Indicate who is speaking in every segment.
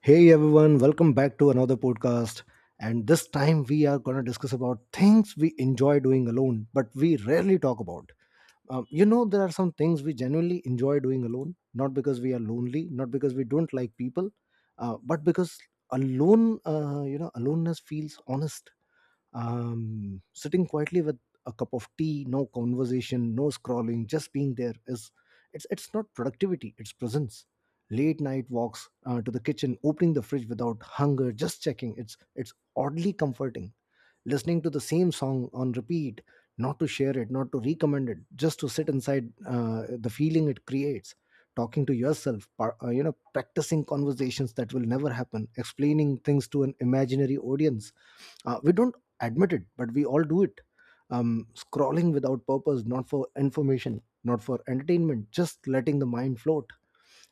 Speaker 1: Hey everyone, welcome back to another podcast. And this time we are going to discuss about things we enjoy doing alone, but we rarely talk about. There are some things we genuinely enjoy doing alone, not because we are lonely, not because we don't like people, but because aloneness feels honest. Sitting quietly with a cup of tea, no conversation, no scrolling, just being there is it's not productivity, it's presence. Late night walks to the kitchen, opening the fridge without hunger, just checking. It's oddly comforting. Listening to the same song on repeat, not to share it, not to recommend it, just to sit inside the feeling it creates. Talking to yourself, practicing conversations that will never happen, explaining things to an imaginary audience. We don't admit it, but we all do it. Scrolling without purpose, not for information, not for entertainment, just letting the mind float.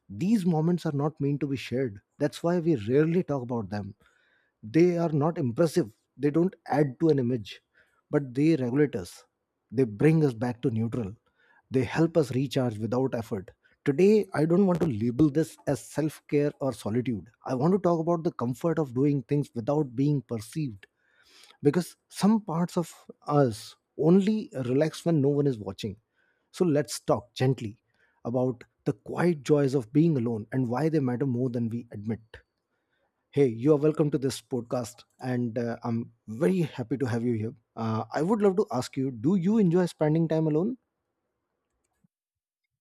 Speaker 1: These moments are not meant to be shared. That's why we rarely talk about them. They are not impressive, they don't add to an image, but they regulate us. They bring us back to neutral. They help us recharge without effort. Today, I don't want to label this as self care or solitude. I want to talk about the comfort of doing things without being perceived, because some parts of us only relax when no one is watching. So let's talk gently about the quiet joys of being alone and why they matter more than we admit. Hey, you are welcome to this podcast, and I'm very happy to have you here. I would love to ask you, do you enjoy spending time alone?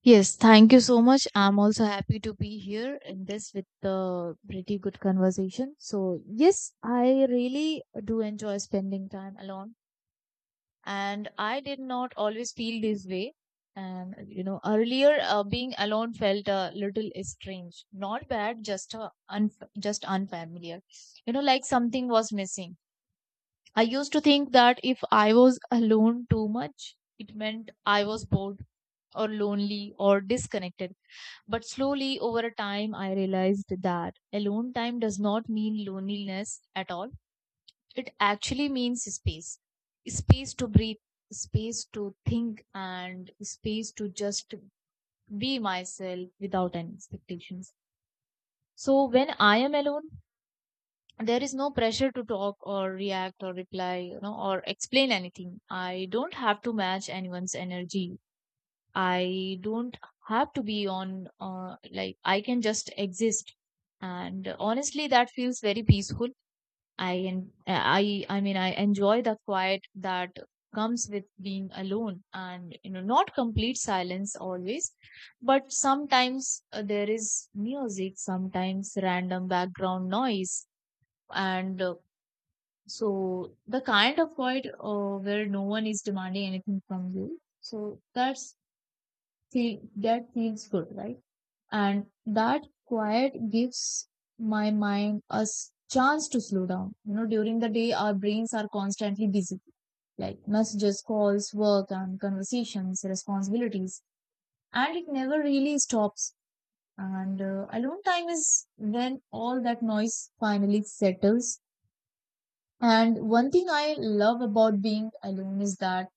Speaker 2: Yes, thank you so much. I'm also happy to be here in this with the pretty good conversation. So, yes, I really do enjoy spending time alone, and I did not always feel this way. And you know, earlier being alone felt a little strange, not bad, just unfamiliar. You know, like something was missing. I used to think that if I was alone too much, it meant I was bored or lonely or disconnected. But slowly over time, I realized that alone time does not mean loneliness at all. It actually means space space to breathe, space to think, and space to just be myself without any expectations. So when I am alone, there is no pressure to talk or react or reply, or explain anything. I don't have to match anyone's energy. I don't have to be on, like, I can just exist. And honestly, that feels very peaceful. I mean, I enjoy the quiet that comes with being alone, and not complete silence always, but sometimes there is music, sometimes random background noise, and so the kind of quiet where no one is demanding anything from you. So that feels good, right? And that quiet gives my mind a chance to slow down. You know, during the day, our brains are constantly busy, like messages, calls, work, and conversations, responsibilities, and it never really stops. And alone time is when all that noise finally settles. And one thing I love about being alone is that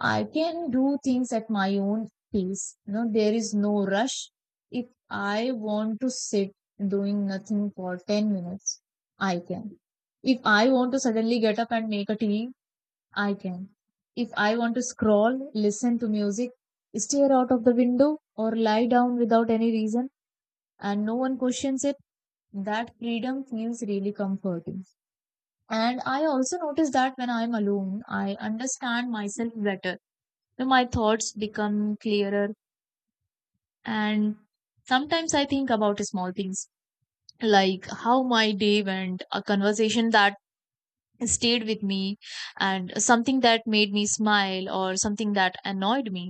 Speaker 2: I can do things at my own pace. You know, there is no rush. If I want to sit doing nothing for 10 minutes, I can. If I want to suddenly get up and make a tea, I can. If I want to scroll, listen to music, stare out of the window, or lie down without any reason, and no one questions it, that freedom feels really comforting. And I also notice that when I'm alone, I understand myself better. My thoughts become clearer, and sometimes I think about small things, like how my day went, a conversation that stayed with me, and something that made me smile or something that annoyed me.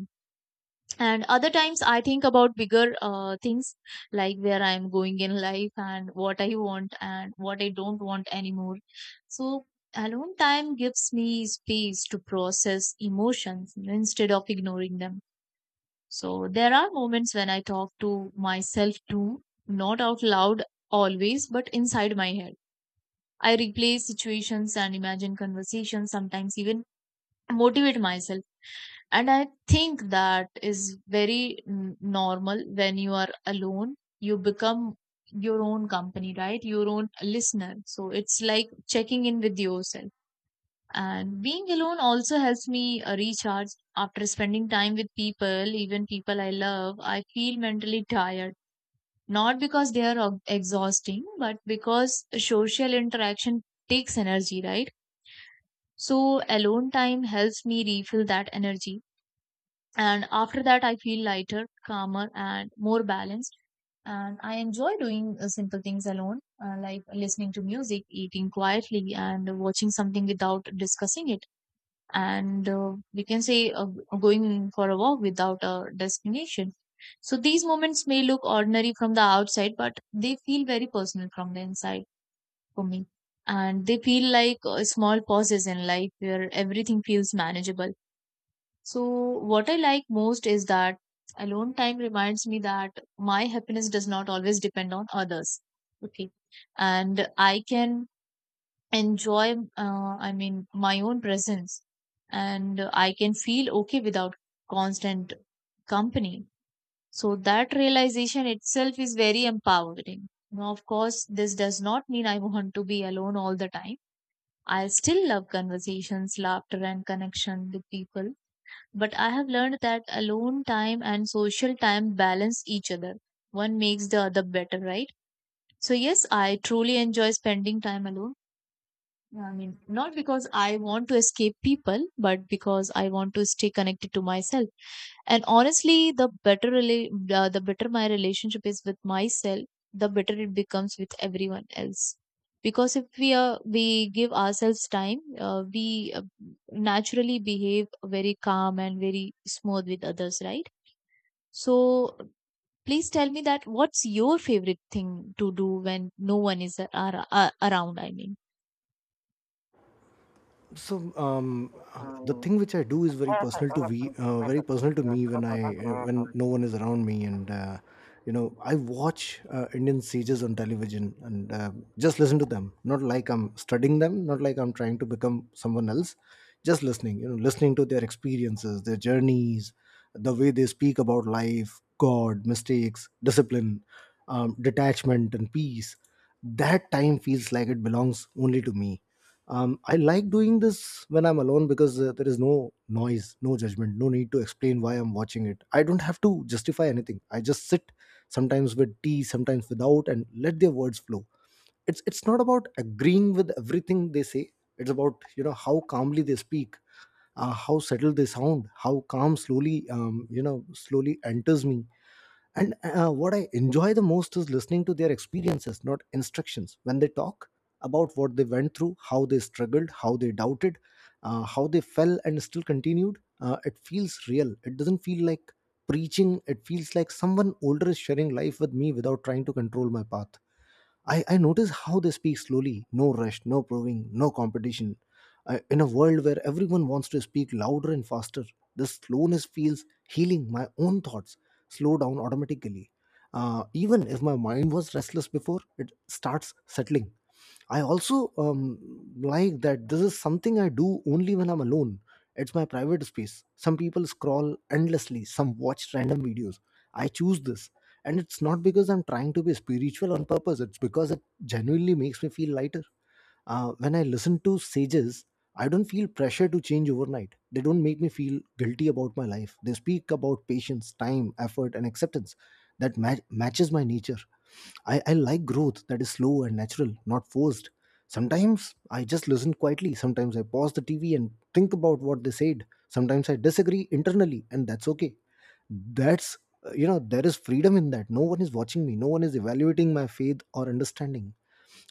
Speaker 2: And other times I think about bigger things, like where I am going in life and what I want and what I don't want anymore. So alone time gives me space to process emotions instead of ignoring them. So there are moments when I talk to myself too, not out loud always, but inside my head. I replay situations and imagine conversations, sometimes even motivate myself. And I think that is very normal when you are alone. You become your own company, right? Your own listener. So it's like checking in with yourself. And being alone also helps me recharge. After spending time with people, even people I love, I feel mentally tired. Not because they are exhausting, but because social interaction takes energy, right? So, alone time helps me refill that energy. And after that, I feel lighter, calmer, and more balanced. And I enjoy doing simple things alone, like listening to music, eating quietly, and watching something without discussing it, and we can say, going for a walk without a destination. So these moments may look ordinary from the outside, but they feel very personal from the inside for me. And they feel like small pauses in life where everything feels manageable. So what I like most is that alone time reminds me that my happiness does not always depend on others. Okay. And I can enjoy, I mean, my own presence, and I can feel okay without constant company. So that realization itself is very empowering. Now, of course, this does not mean I want to be alone all the time. I still love conversations, laughter, and connection with people, but I have learned that alone time and social time balance each other. One makes the other better, right? So yes, I truly enjoy spending time alone. Yeah, I mean, not because I want to escape people, but because I want to stay connected to myself. And honestly, the better my relationship is with myself, the better it becomes with everyone else. Because if we give ourselves time, we naturally behave very calm and very smooth with others, right? So please tell me, that what's your favorite thing to do when no one is around? I mean.
Speaker 1: So the thing which I do is very personal to me, very personal to me when I when no one is around me, and you know, I watch Indian sages on television and just listen to them. Not like I'm studying them, not like I'm trying to become someone else. Just listening, you know, listening to their experiences, their journeys, the way they speak about life, God, mistakes, discipline, detachment, and peace. That time feels like it belongs only to me. I like doing this when I'm alone, because there is no noise, no judgment, no need to explain why I'm watching it. I don't have to justify anything, I just sit, sometimes with tea, sometimes without, and let their words flow. It's not about agreeing with everything they say, it's about, you know, how calmly they speak, how settled they sound, how calm slowly, slowly enters me. And what I enjoy the most is listening to their experiences, not instructions. When they talk about what they went through, how they struggled, how they doubted, how they fell and still continued, it feels real. It doesn't feel like preaching, it feels like someone older is sharing life with me without trying to control my path. I notice how they speak slowly, no rush, no proving, no competition. In a world where everyone wants to speak louder and faster, this slowness feels healing. My own thoughts slow down automatically. Even if my mind was restless before, it starts settling. I also like that this is something I do only when I'm alone. It's my private space. Some people scroll endlessly, some watch random videos. I choose this, and it's not because I'm trying to be spiritual on purpose, it's because it genuinely makes me feel lighter. When I listen to sages, I don't feel pressure to change overnight. They don't make me feel guilty about my life. They speak about patience, time, effort, and acceptance that matches my nature. I like growth that is slow and natural, not forced. Sometimes I just listen quietly. Sometimes I pause the TV and think about what they said. Sometimes I disagree internally, and that's okay. That's, there is freedom in that. No one is watching me, no one is evaluating my faith or understanding.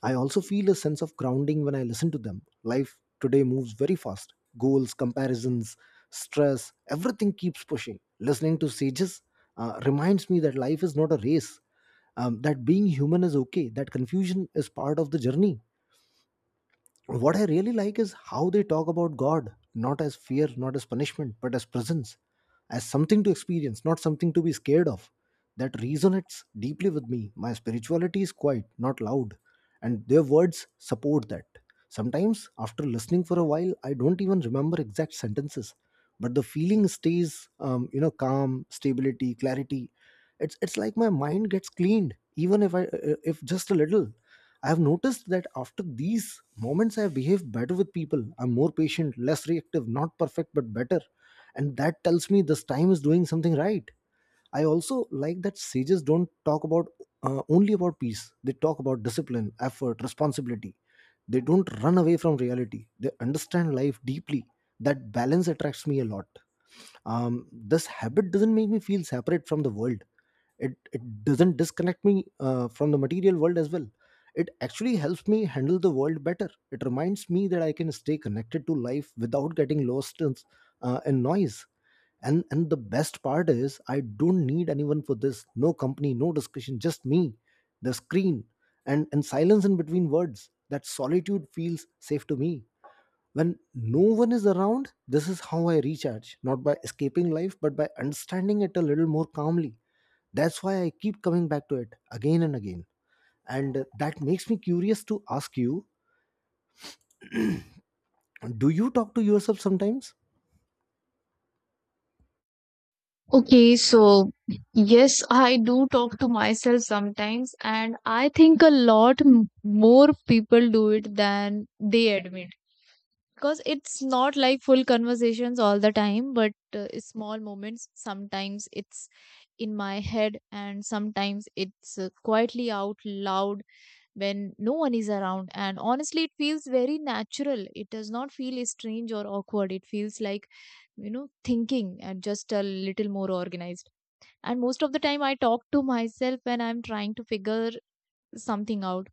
Speaker 1: I also feel a sense of grounding when I listen to them. Life today moves very fast. Goals, comparisons, stress, everything keeps pushing. Listening to sages reminds me that life is not a race, that being human is okay, that confusion is part of the journey. What I really like is how they talk about God, not as fear, not as punishment, but as presence, as something to experience, not something to be scared of. That resonates deeply with me. My spirituality is quiet, not loud, and their words support that. Sometimes, after listening for a while, I don't even remember exact sentences, but the feeling stays, you know, calm, stability, clarity. It's like my mind gets cleaned, even if just a little. I've noticed that after these moments, I behave better with people. I'm more patient, less reactive, not perfect, but better. And that tells me this time is doing something right. I also like that sages don't talk about, only about peace. They talk about discipline, effort, responsibility. They don't run away from reality. They understand life deeply. That balance attracts me a lot. This habit doesn't make me feel separate from the world. It doesn't disconnect me from the material world as well, it actually helps me handle the world better. It reminds me that I can stay connected to life without getting lost in noise. And the best part is I don't need anyone for this, no company, no discussion, just me, the screen, and silence in between words. That solitude feels safe to me. When no one is around, this is how I recharge, not by escaping life, but by understanding it a little more calmly. That's why I keep coming back to it again and again. And that makes me curious to ask you, do you talk to yourself sometimes?
Speaker 2: Okay, so yes, I do talk to myself sometimes, and I think a lot more people do it than they admit, because it's not like full conversations all the time, but small moments. Sometimes it's in my head, and sometimes it's quietly out loud when no one is around. And honestly, it feels very natural. It does not feel strange or awkward. It feels like, thinking, and just a little more organized. And most of the time I talk to myself when I'm trying to figure something out.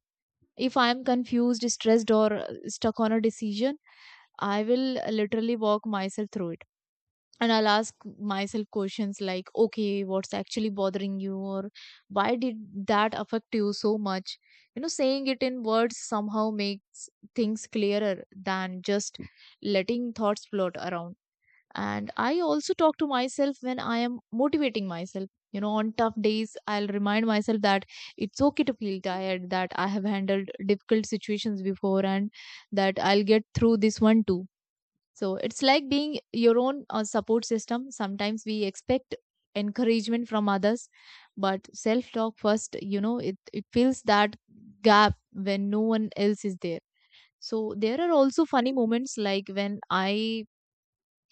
Speaker 2: If I'm confused, stressed, or stuck on a decision, I will literally walk myself through it, and I'll ask myself questions like, okay, what's actually bothering you, or why did that affect you so much? You know, saying it in words somehow makes things clearer than just letting thoughts float around. And I also talk to myself when I am motivating myself. You know, on tough days I'll remind myself that it's okay to feel tired, that I have handled difficult situations before, and that I'll get through this one too. So it's like being your own support system. Sometimes we expect encouragement from others, but self talk first, you know, it fills that gap when no one else is there. So there are also funny moments, like when I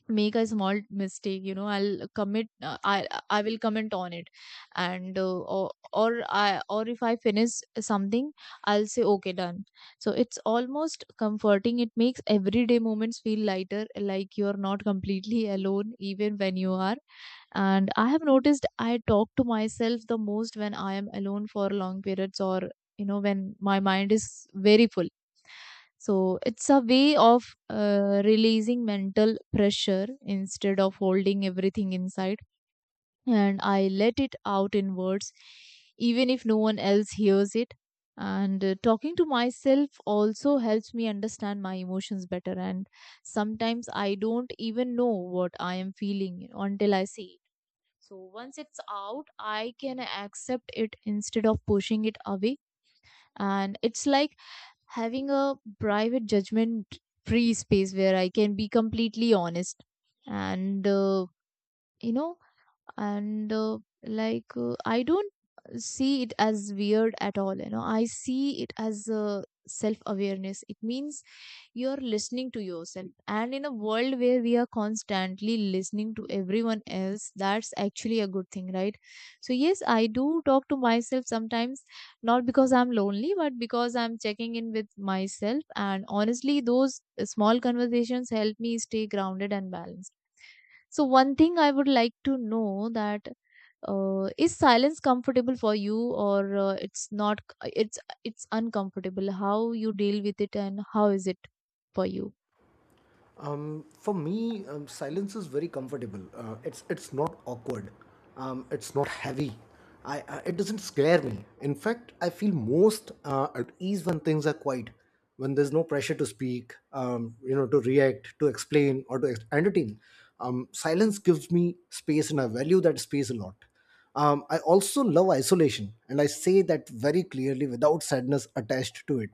Speaker 2: make a small mistake, you know, I'll commit I will comment on it, and or I or if I finish something, I'll say okay, done. So it's almost comforting. It makes everyday moments feel lighter, like you're not completely alone even when you are. And I have noticed I talk to myself the most when I am alone for long periods, or you know, when my mind is very full. So it's a way of releasing mental pressure instead of holding everything inside. And I let it out in words, even if no one else hears it. And talking to myself also helps me understand my emotions better. And sometimes I don't even know what I am feeling until I see it. So once it's out, I can accept it instead of pushing it away, and it's like having a private, judgment free space where I can be completely honest, and you know and like I don't see it as weird at all. You know, I see it as self awareness. It means you're listening to yourself. And in a world where we are constantly listening to everyone else, that's actually a good thing, right? So, yes, I do talk to myself sometimes, not because I'm lonely, but because I'm checking in with myself. And honestly, those small conversations help me stay grounded and balanced. So, one thing I would like to know, that is silence comfortable for you, or it's not, it's uncomfortable? How you deal with it, and how is it for you?
Speaker 1: For me, silence is very comfortable. It's not awkward, it's not heavy. It doesn't scare me. In fact, I feel most at ease when things are quiet, when there's no pressure to speak, you know, to react, to explain, or to entertain. Silence gives me space, and I value that space a lot. I also love isolation, and I say that very clearly without sadness attached to it.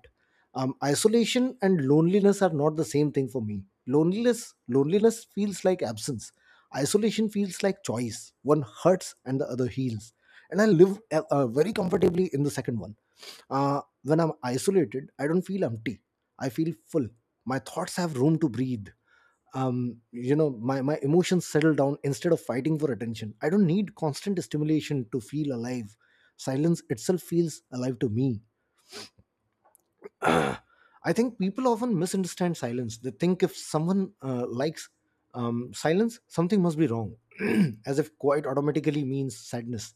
Speaker 1: Isolation and loneliness are not the same thing for me. Loneliness feels like absence. Isolation feels like choice. One hurts and the other heals. And I live very comfortably in the second one. When I'm isolated, I don't feel empty. I feel full. My thoughts have room to breathe. You know, my emotions settle down instead of fighting for attention. I don't need constant stimulation to feel alive. Silence itself feels alive to me. I think people often misunderstand silence. They think if someone likes silence, something must be wrong, as if quiet automatically means sadness.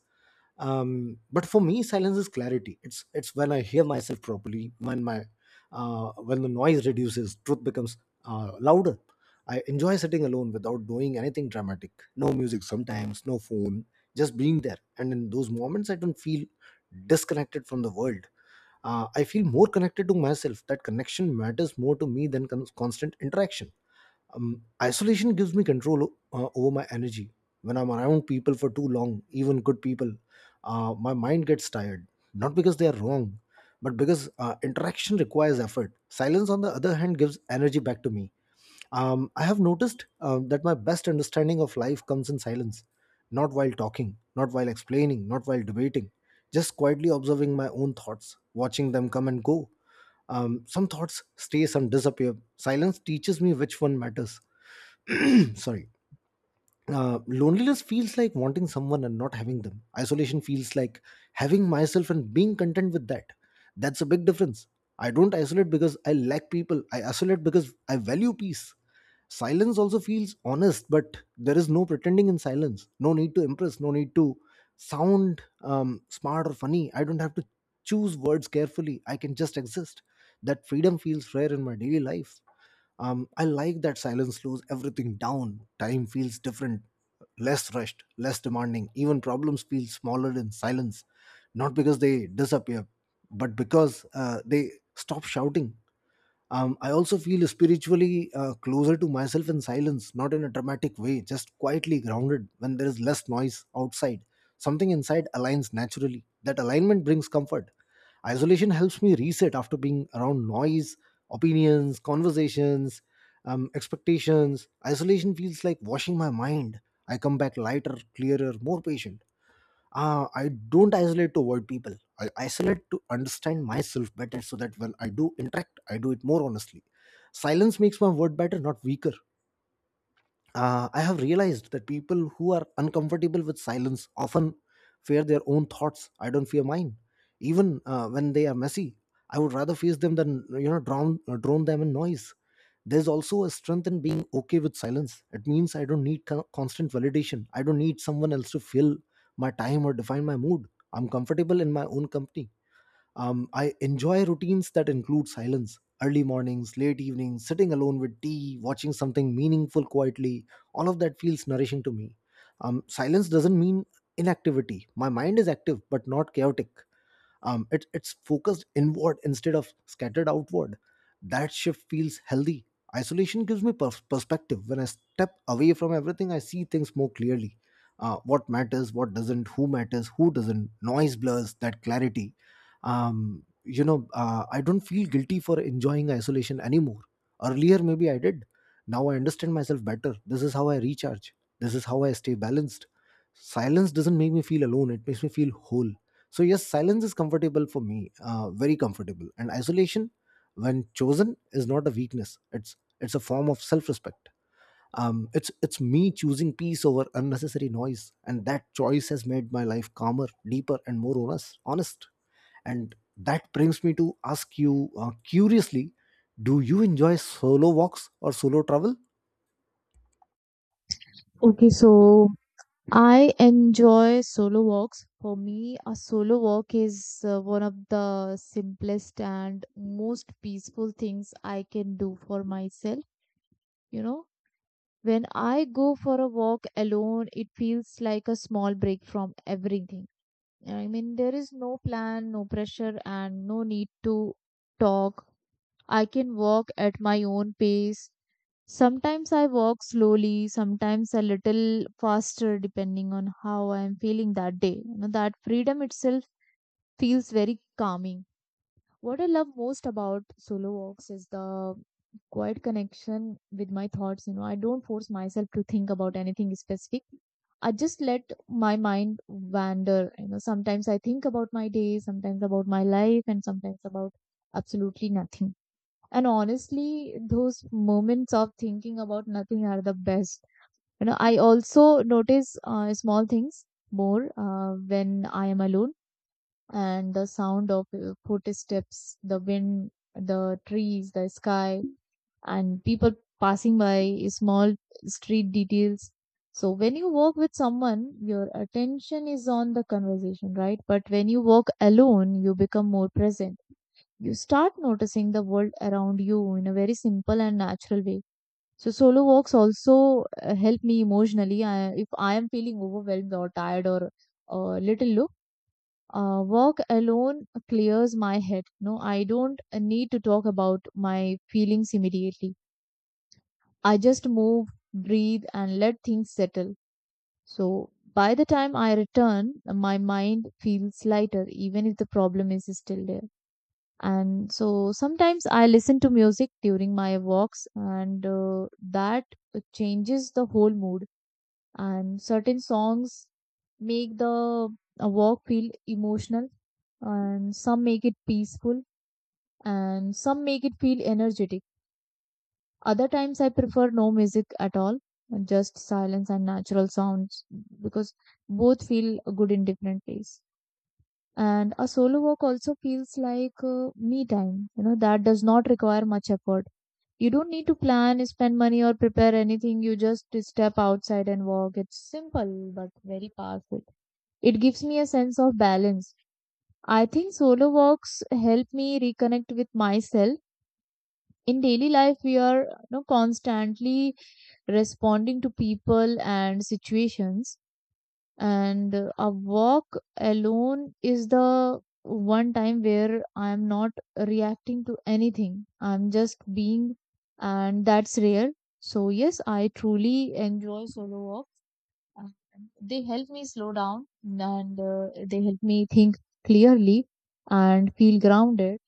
Speaker 1: But for me, silence is clarity. It's when I hear myself properly, when my when the noise reduces, truth becomes louder. I enjoy sitting alone without doing anything dramatic. No music sometimes, no phone, just being there. And in those moments, I don't feel disconnected from the world, I feel more connected to myself. That connection matters more to me than constant interaction. Isolation gives me control over my energy. When I'm around people for too long, even good people, my mind gets tired. Not because they are wrong, but because interaction requires effort. Silence, on the other hand, gives energy back to me. I have noticed that my best understanding of life comes in silence, not while talking, not while explaining, not while debating, just quietly observing my own thoughts, watching them come and go. Some thoughts stay, some disappear. Silence teaches me which one matters. Sorry. Loneliness feels like wanting someone and not having them. Isolation feels like having myself and being content with that. That's a big difference. I don't isolate because I lack people. I isolate because I value peace. Silence also feels honest, but there is no pretending in silence. No need to impress, no need to sound smart or funny. I don't have to choose words carefully. I can just exist. That freedom feels rare in my daily life. I like that silence slows everything down. Time feels different, less rushed, less demanding. Even problems feel smaller in silence, not because they disappear, but because they stop shouting. I also feel spiritually closer to myself in silence, not in a dramatic way, just quietly grounded. When there is less noise outside, something inside aligns naturally. That alignment brings comfort. Isolation helps me reset after being around noise, opinions, conversations, expectations. Isolation feels like washing my mind. I come back lighter, clearer, more patient. I don't isolate to avoid people. I isolate to understand myself better, so that when I do interact, I do it more honestly. Silence makes my word better, not weaker. I have realized that people who are uncomfortable with silence often fear their own thoughts. I don't fear mine, even when they are messy. I would rather face them than drown drown them in noise. There's also a strength in being okay with silence. It means I don't need constant validation. I don't need someone else to fill my time or define my mood. I'm comfortable in my own company. I enjoy routines that include silence: early mornings, late evenings, sitting alone with tea, watching something meaningful quietly. All of that feels nourishing to me. Silence doesn't mean inactivity. My mind is active but not chaotic. It's focused inward instead of scattered outward. That shift feels healthy. Isolation gives me perspective. When I step away from everything, I see things more clearly: what matters, what doesn't, who matters, who doesn't. Noise blurs that clarity. I don't feel guilty for enjoying isolation anymore. Earlier maybe I did. Now I understand myself better. This is how I recharge, this is how I stay balanced. Silence doesn't make me feel alone, it makes me feel whole. So, yes, silence is comfortable for me, very comfortable. And isolation, when chosen, is not a weakness. It's a form of self-respect. It's me choosing peace over unnecessary noise, and that choice has made my life calmer, deeper, and more honest. Honest, and that brings me to ask you curiously: do you enjoy solo walks or solo travel?
Speaker 2: Okay, so I enjoy solo walks. For me, a solo walk is one of the simplest and most peaceful things I can do for myself. You know, when I go for a walk alone, it feels like a small break from everything. I mean, there is no plan, no pressure, and no need to talk. I can walk at my own pace. Sometimes I walk slowly, sometimes a little faster, depending on how I am feeling that day. You know, that freedom itself feels very calming. What I love most about solo walks is the quiet connection with my thoughts. You know, I don't force myself to think about anything specific. I just let my mind wander. You know, sometimes I think about my day, sometimes about my life, and sometimes about absolutely nothing. And honestly, those moments of thinking about nothing are the best. You know, I also notice small things more when I am alone, and the sound of footsteps, the wind, the trees, the sky, and people passing by, small street details. So when you walk with someone, your attention is on the conversation, right? But when you walk alone, you become more present. You start noticing the world around you in a very simple and natural way. So solo walks also help me emotionally. If I am feeling overwhelmed or tired or little low, work alone clears my head no I don't need to talk about my feelings immediately. I just move, breathe, and let things settle. So by the time I return, my mind feels lighter even if the problem is still there. And so sometimes I listen to music during my walks, and that changes the whole mood. And certain songs make the walk feel emotional, and some make it peaceful, and some make it feel energetic. Other times I prefer no music at all, just silence and natural sounds, because both feel good in different ways. And a solo walk also feels like me time, you know, that does not require much effort. You don't need to plan, spend money, or prepare anything. You just step outside and walk. It's simple but very powerful. It gives me a sense of balance. I think solo walks help me reconnect with myself. In daily life, we are, you know, constantly responding to people and situations, and a walk alone is the one time where I am not reacting to anything. I'm just being, and that's rare. So yes, I truly enjoy solo walk. Um, they help me slow down, and they help me think clearly and feel grounded.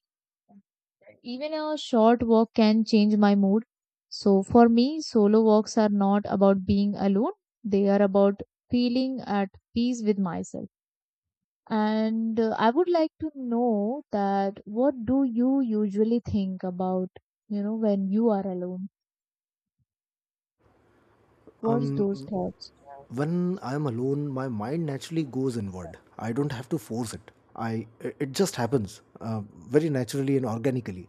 Speaker 2: Even a short walk can change my mood. So for me, solo walks are not about being alone. They are about feeling at peace with myself. And I would like to know that what do you usually think about, you know, when you are alone? What's
Speaker 1: Um,
Speaker 2: those thoughts?
Speaker 1: when I'm alone, my mind naturally goes inward. I don't have to force it. I It just happens very naturally and organically.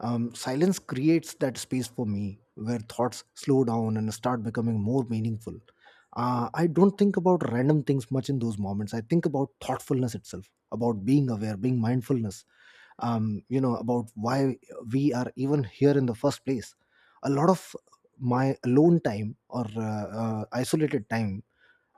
Speaker 1: Silence creates that space for me where thoughts slow down and start becoming more meaningful. I don't think about random things much in those moments. I think about thoughtfulness itself, about being aware, being mindfulness, you know, about why we are even here in the first place. A lot of my alone time, or isolated time,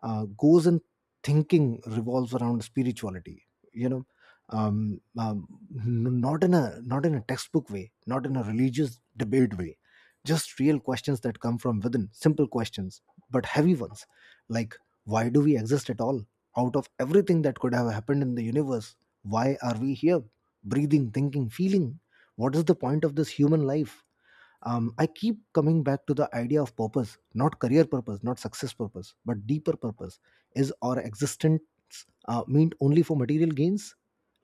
Speaker 1: goes and thinking revolves around spirituality, you know, um, um, not in a textbook way, not in a religious debate way, just real questions that come from within, simple questions but heavy ones, like why do we exist at all? Out of everything that could have happened in the universe, why are we here, breathing, thinking, feeling? What is the point of this human life? I keep coming back to the idea of purpose, not career purpose, not success purpose, but deeper purpose. Is our existence meant only for material gains,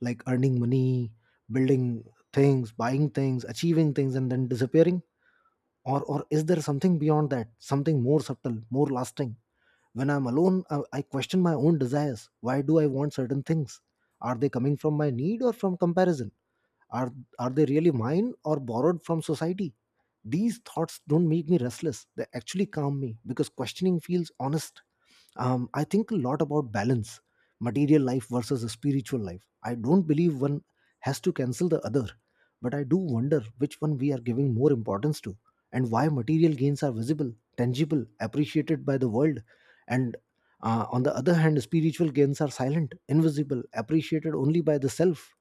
Speaker 1: like earning money, building things, buying things, achieving things, and then disappearing? Or is there something beyond that, something more subtle, more lasting? When I'm alone, I question my own desires. Why do I want certain things? Are they coming from my need or from comparison? Are, are they really mine or borrowed from society? These thoughts don't make me restless, they actually calm me because questioning feels honest. I think a lot about balance, material life versus a spiritual life. I don't believe one has to cancel the other, but I do wonder which one we are giving more importance to, and why. Material gains are visible, tangible, appreciated by the world, and on the other hand, spiritual gains are silent, invisible, appreciated only by the self.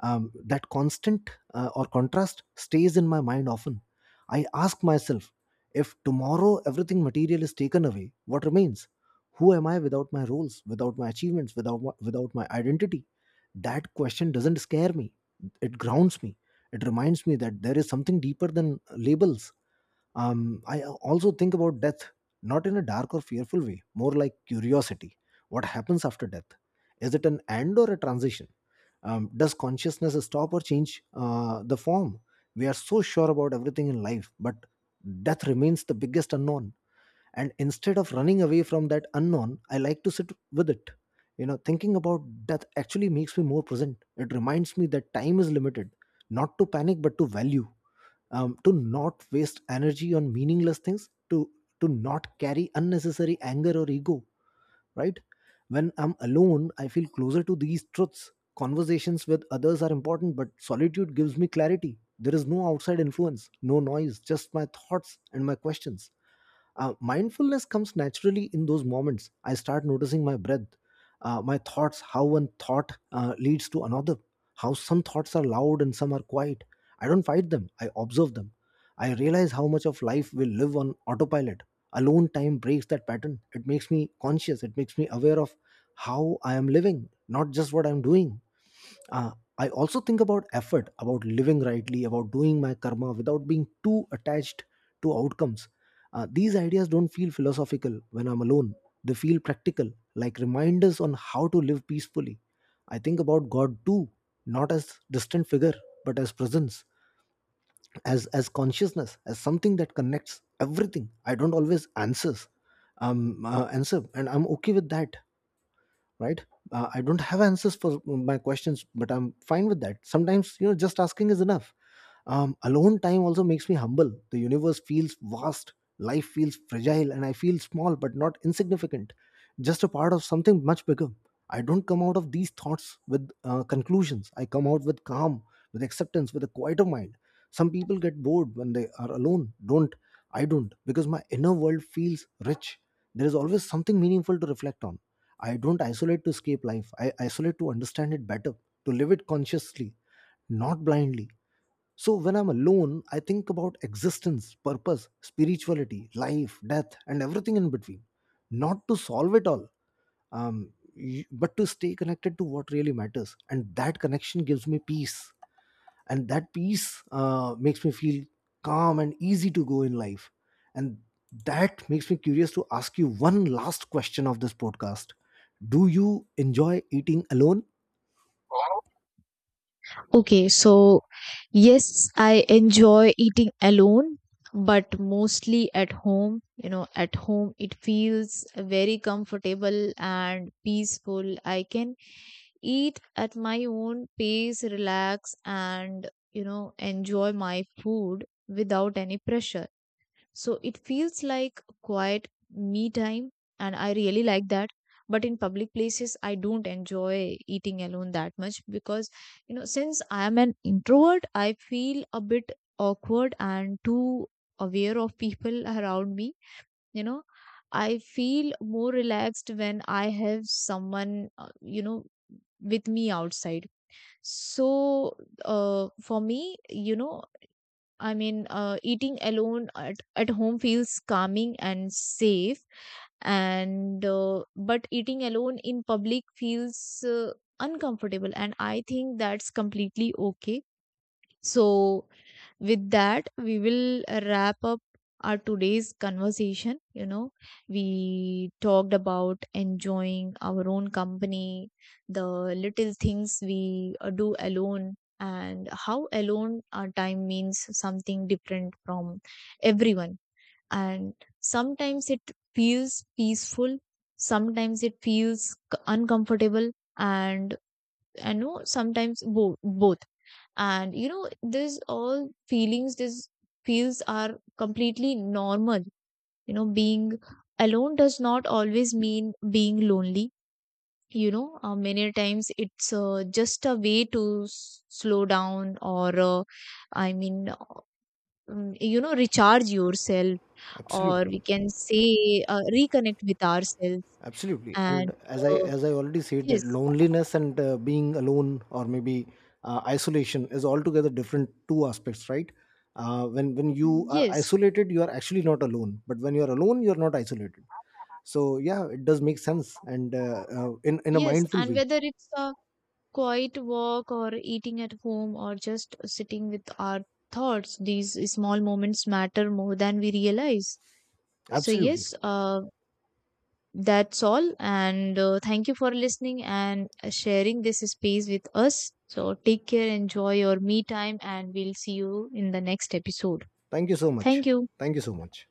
Speaker 1: That constant or contrast stays in my mind often. I ask myself, if tomorrow everything material is taken away, what remains? Who am I without my roles, without my achievements, without my identity? That question doesn't scare me. It grounds me. It reminds me that there is something deeper than labels. I also think about death, not in a dark or fearful way, more like curiosity. What happens after death? Is it an end or a transition? Does consciousness stop or change the form? We are so sure about everything in life, but death remains the biggest unknown. And instead of running away from that unknown, I like to sit with it. You know, thinking about death actually makes me more present. It reminds me that time is limited, not to panic but to value, to not waste energy on meaningless things, to not carry unnecessary anger or ego, right? When I'm alone, I feel closer to these truths. Conversations with others are important, but solitude gives me clarity. There is no outside influence, no noise, just my thoughts and my questions. Mindfulness comes naturally in those moments. I start noticing my breath, my thoughts, how one thought leads to another, how some thoughts are loud and some are quiet. I don't fight them, I observe them. I realize how much of life we live on autopilot. Alone time breaks that pattern. It makes me conscious, it makes me aware of how I am living, not just what I'm doing. Uh, I also think about effort, about living rightly, about doing my karma without being too attached to outcomes. These ideas don't feel philosophical when I'm alone. They feel practical, like reminders on how to live peacefully. I think about God too, not as distant figure, but as presence, as consciousness, as something that connects everything. I don't always answers, answer, and I'm okay with that, right? I don't have answers for my questions, but I'm fine with that. Sometimes, you know, just asking is enough. Alone time also makes me humble. The universe feels vast, life feels fragile, and I feel small but not insignificant, just a part of something much bigger. I don't come out of these thoughts with conclusions, I come out with calm, with acceptance, with a quieter mind. Some people get bored when they are alone, don't I don't, because my inner world feels rich. There is always something meaningful to reflect on. I don't isolate to escape life. I isolate to understand it better, to live it consciously, not blindly. So when I'm alone, I think about existence, purpose, spirituality, life, death, and everything in between. Not to solve it all, but to stay connected to what really matters. And that connection gives me peace, and that peace makes me feel calm and easy to go in life. And that makes me curious to ask you one last question of this podcast: do you enjoy eating alone?
Speaker 2: Okay, so yes, I enjoy eating alone, but mostly at home. You know, at home it feels very comfortable and peaceful. I can eat at my own pace, relax, and you know, enjoy my food without any pressure. So it feels like quiet me time, and I really like that. But in public places, I don't enjoy eating alone that much because, you know, since I am an introvert, I feel a bit awkward and too aware of people around me. You know, I feel more relaxed when I have someone, you know, with me outside. So, for me, you know, I mean, eating alone at home feels calming and safe, and but eating alone in public feels uncomfortable, and I think that's completely okay. So with that, we will wrap up our today's conversation. You know, we talked about enjoying our own company, the little things we do alone, and how alone our time means something different from everyone. And sometimes it feels peaceful, sometimes it feels uncomfortable, and I know sometimes both. And you know, this all feelings, these feels are completely normal. You know, being alone does not always mean being lonely. You know, many times it's just a way to slow down, or i mean uh, you know, recharge yourself, or
Speaker 1: Absolutely,
Speaker 2: we can say reconnect with ourselves.
Speaker 1: absolutely. And
Speaker 2: And
Speaker 1: as i
Speaker 2: uh,
Speaker 1: as i already said, that
Speaker 2: yes.
Speaker 1: loneliness and being alone, or maybe isolation, is altogether different, two aspects, right? When you are
Speaker 2: yes
Speaker 1: isolated, you are actually not alone, but when you are alone, you are not isolated. So yeah, it does make sense. And in a
Speaker 2: yes
Speaker 1: mindful
Speaker 2: And
Speaker 1: way,
Speaker 2: whether it's quiet walk or eating at home or just sitting with our thoughts, these small moments matter more than we realize. So
Speaker 1: absolutely.
Speaker 2: yes, that's all. And thank you for listening and sharing this space with us. So take care, enjoy your me time, and we'll see you in the next episode.
Speaker 1: Thank you so much.
Speaker 2: Thank you.
Speaker 1: Thank you so much.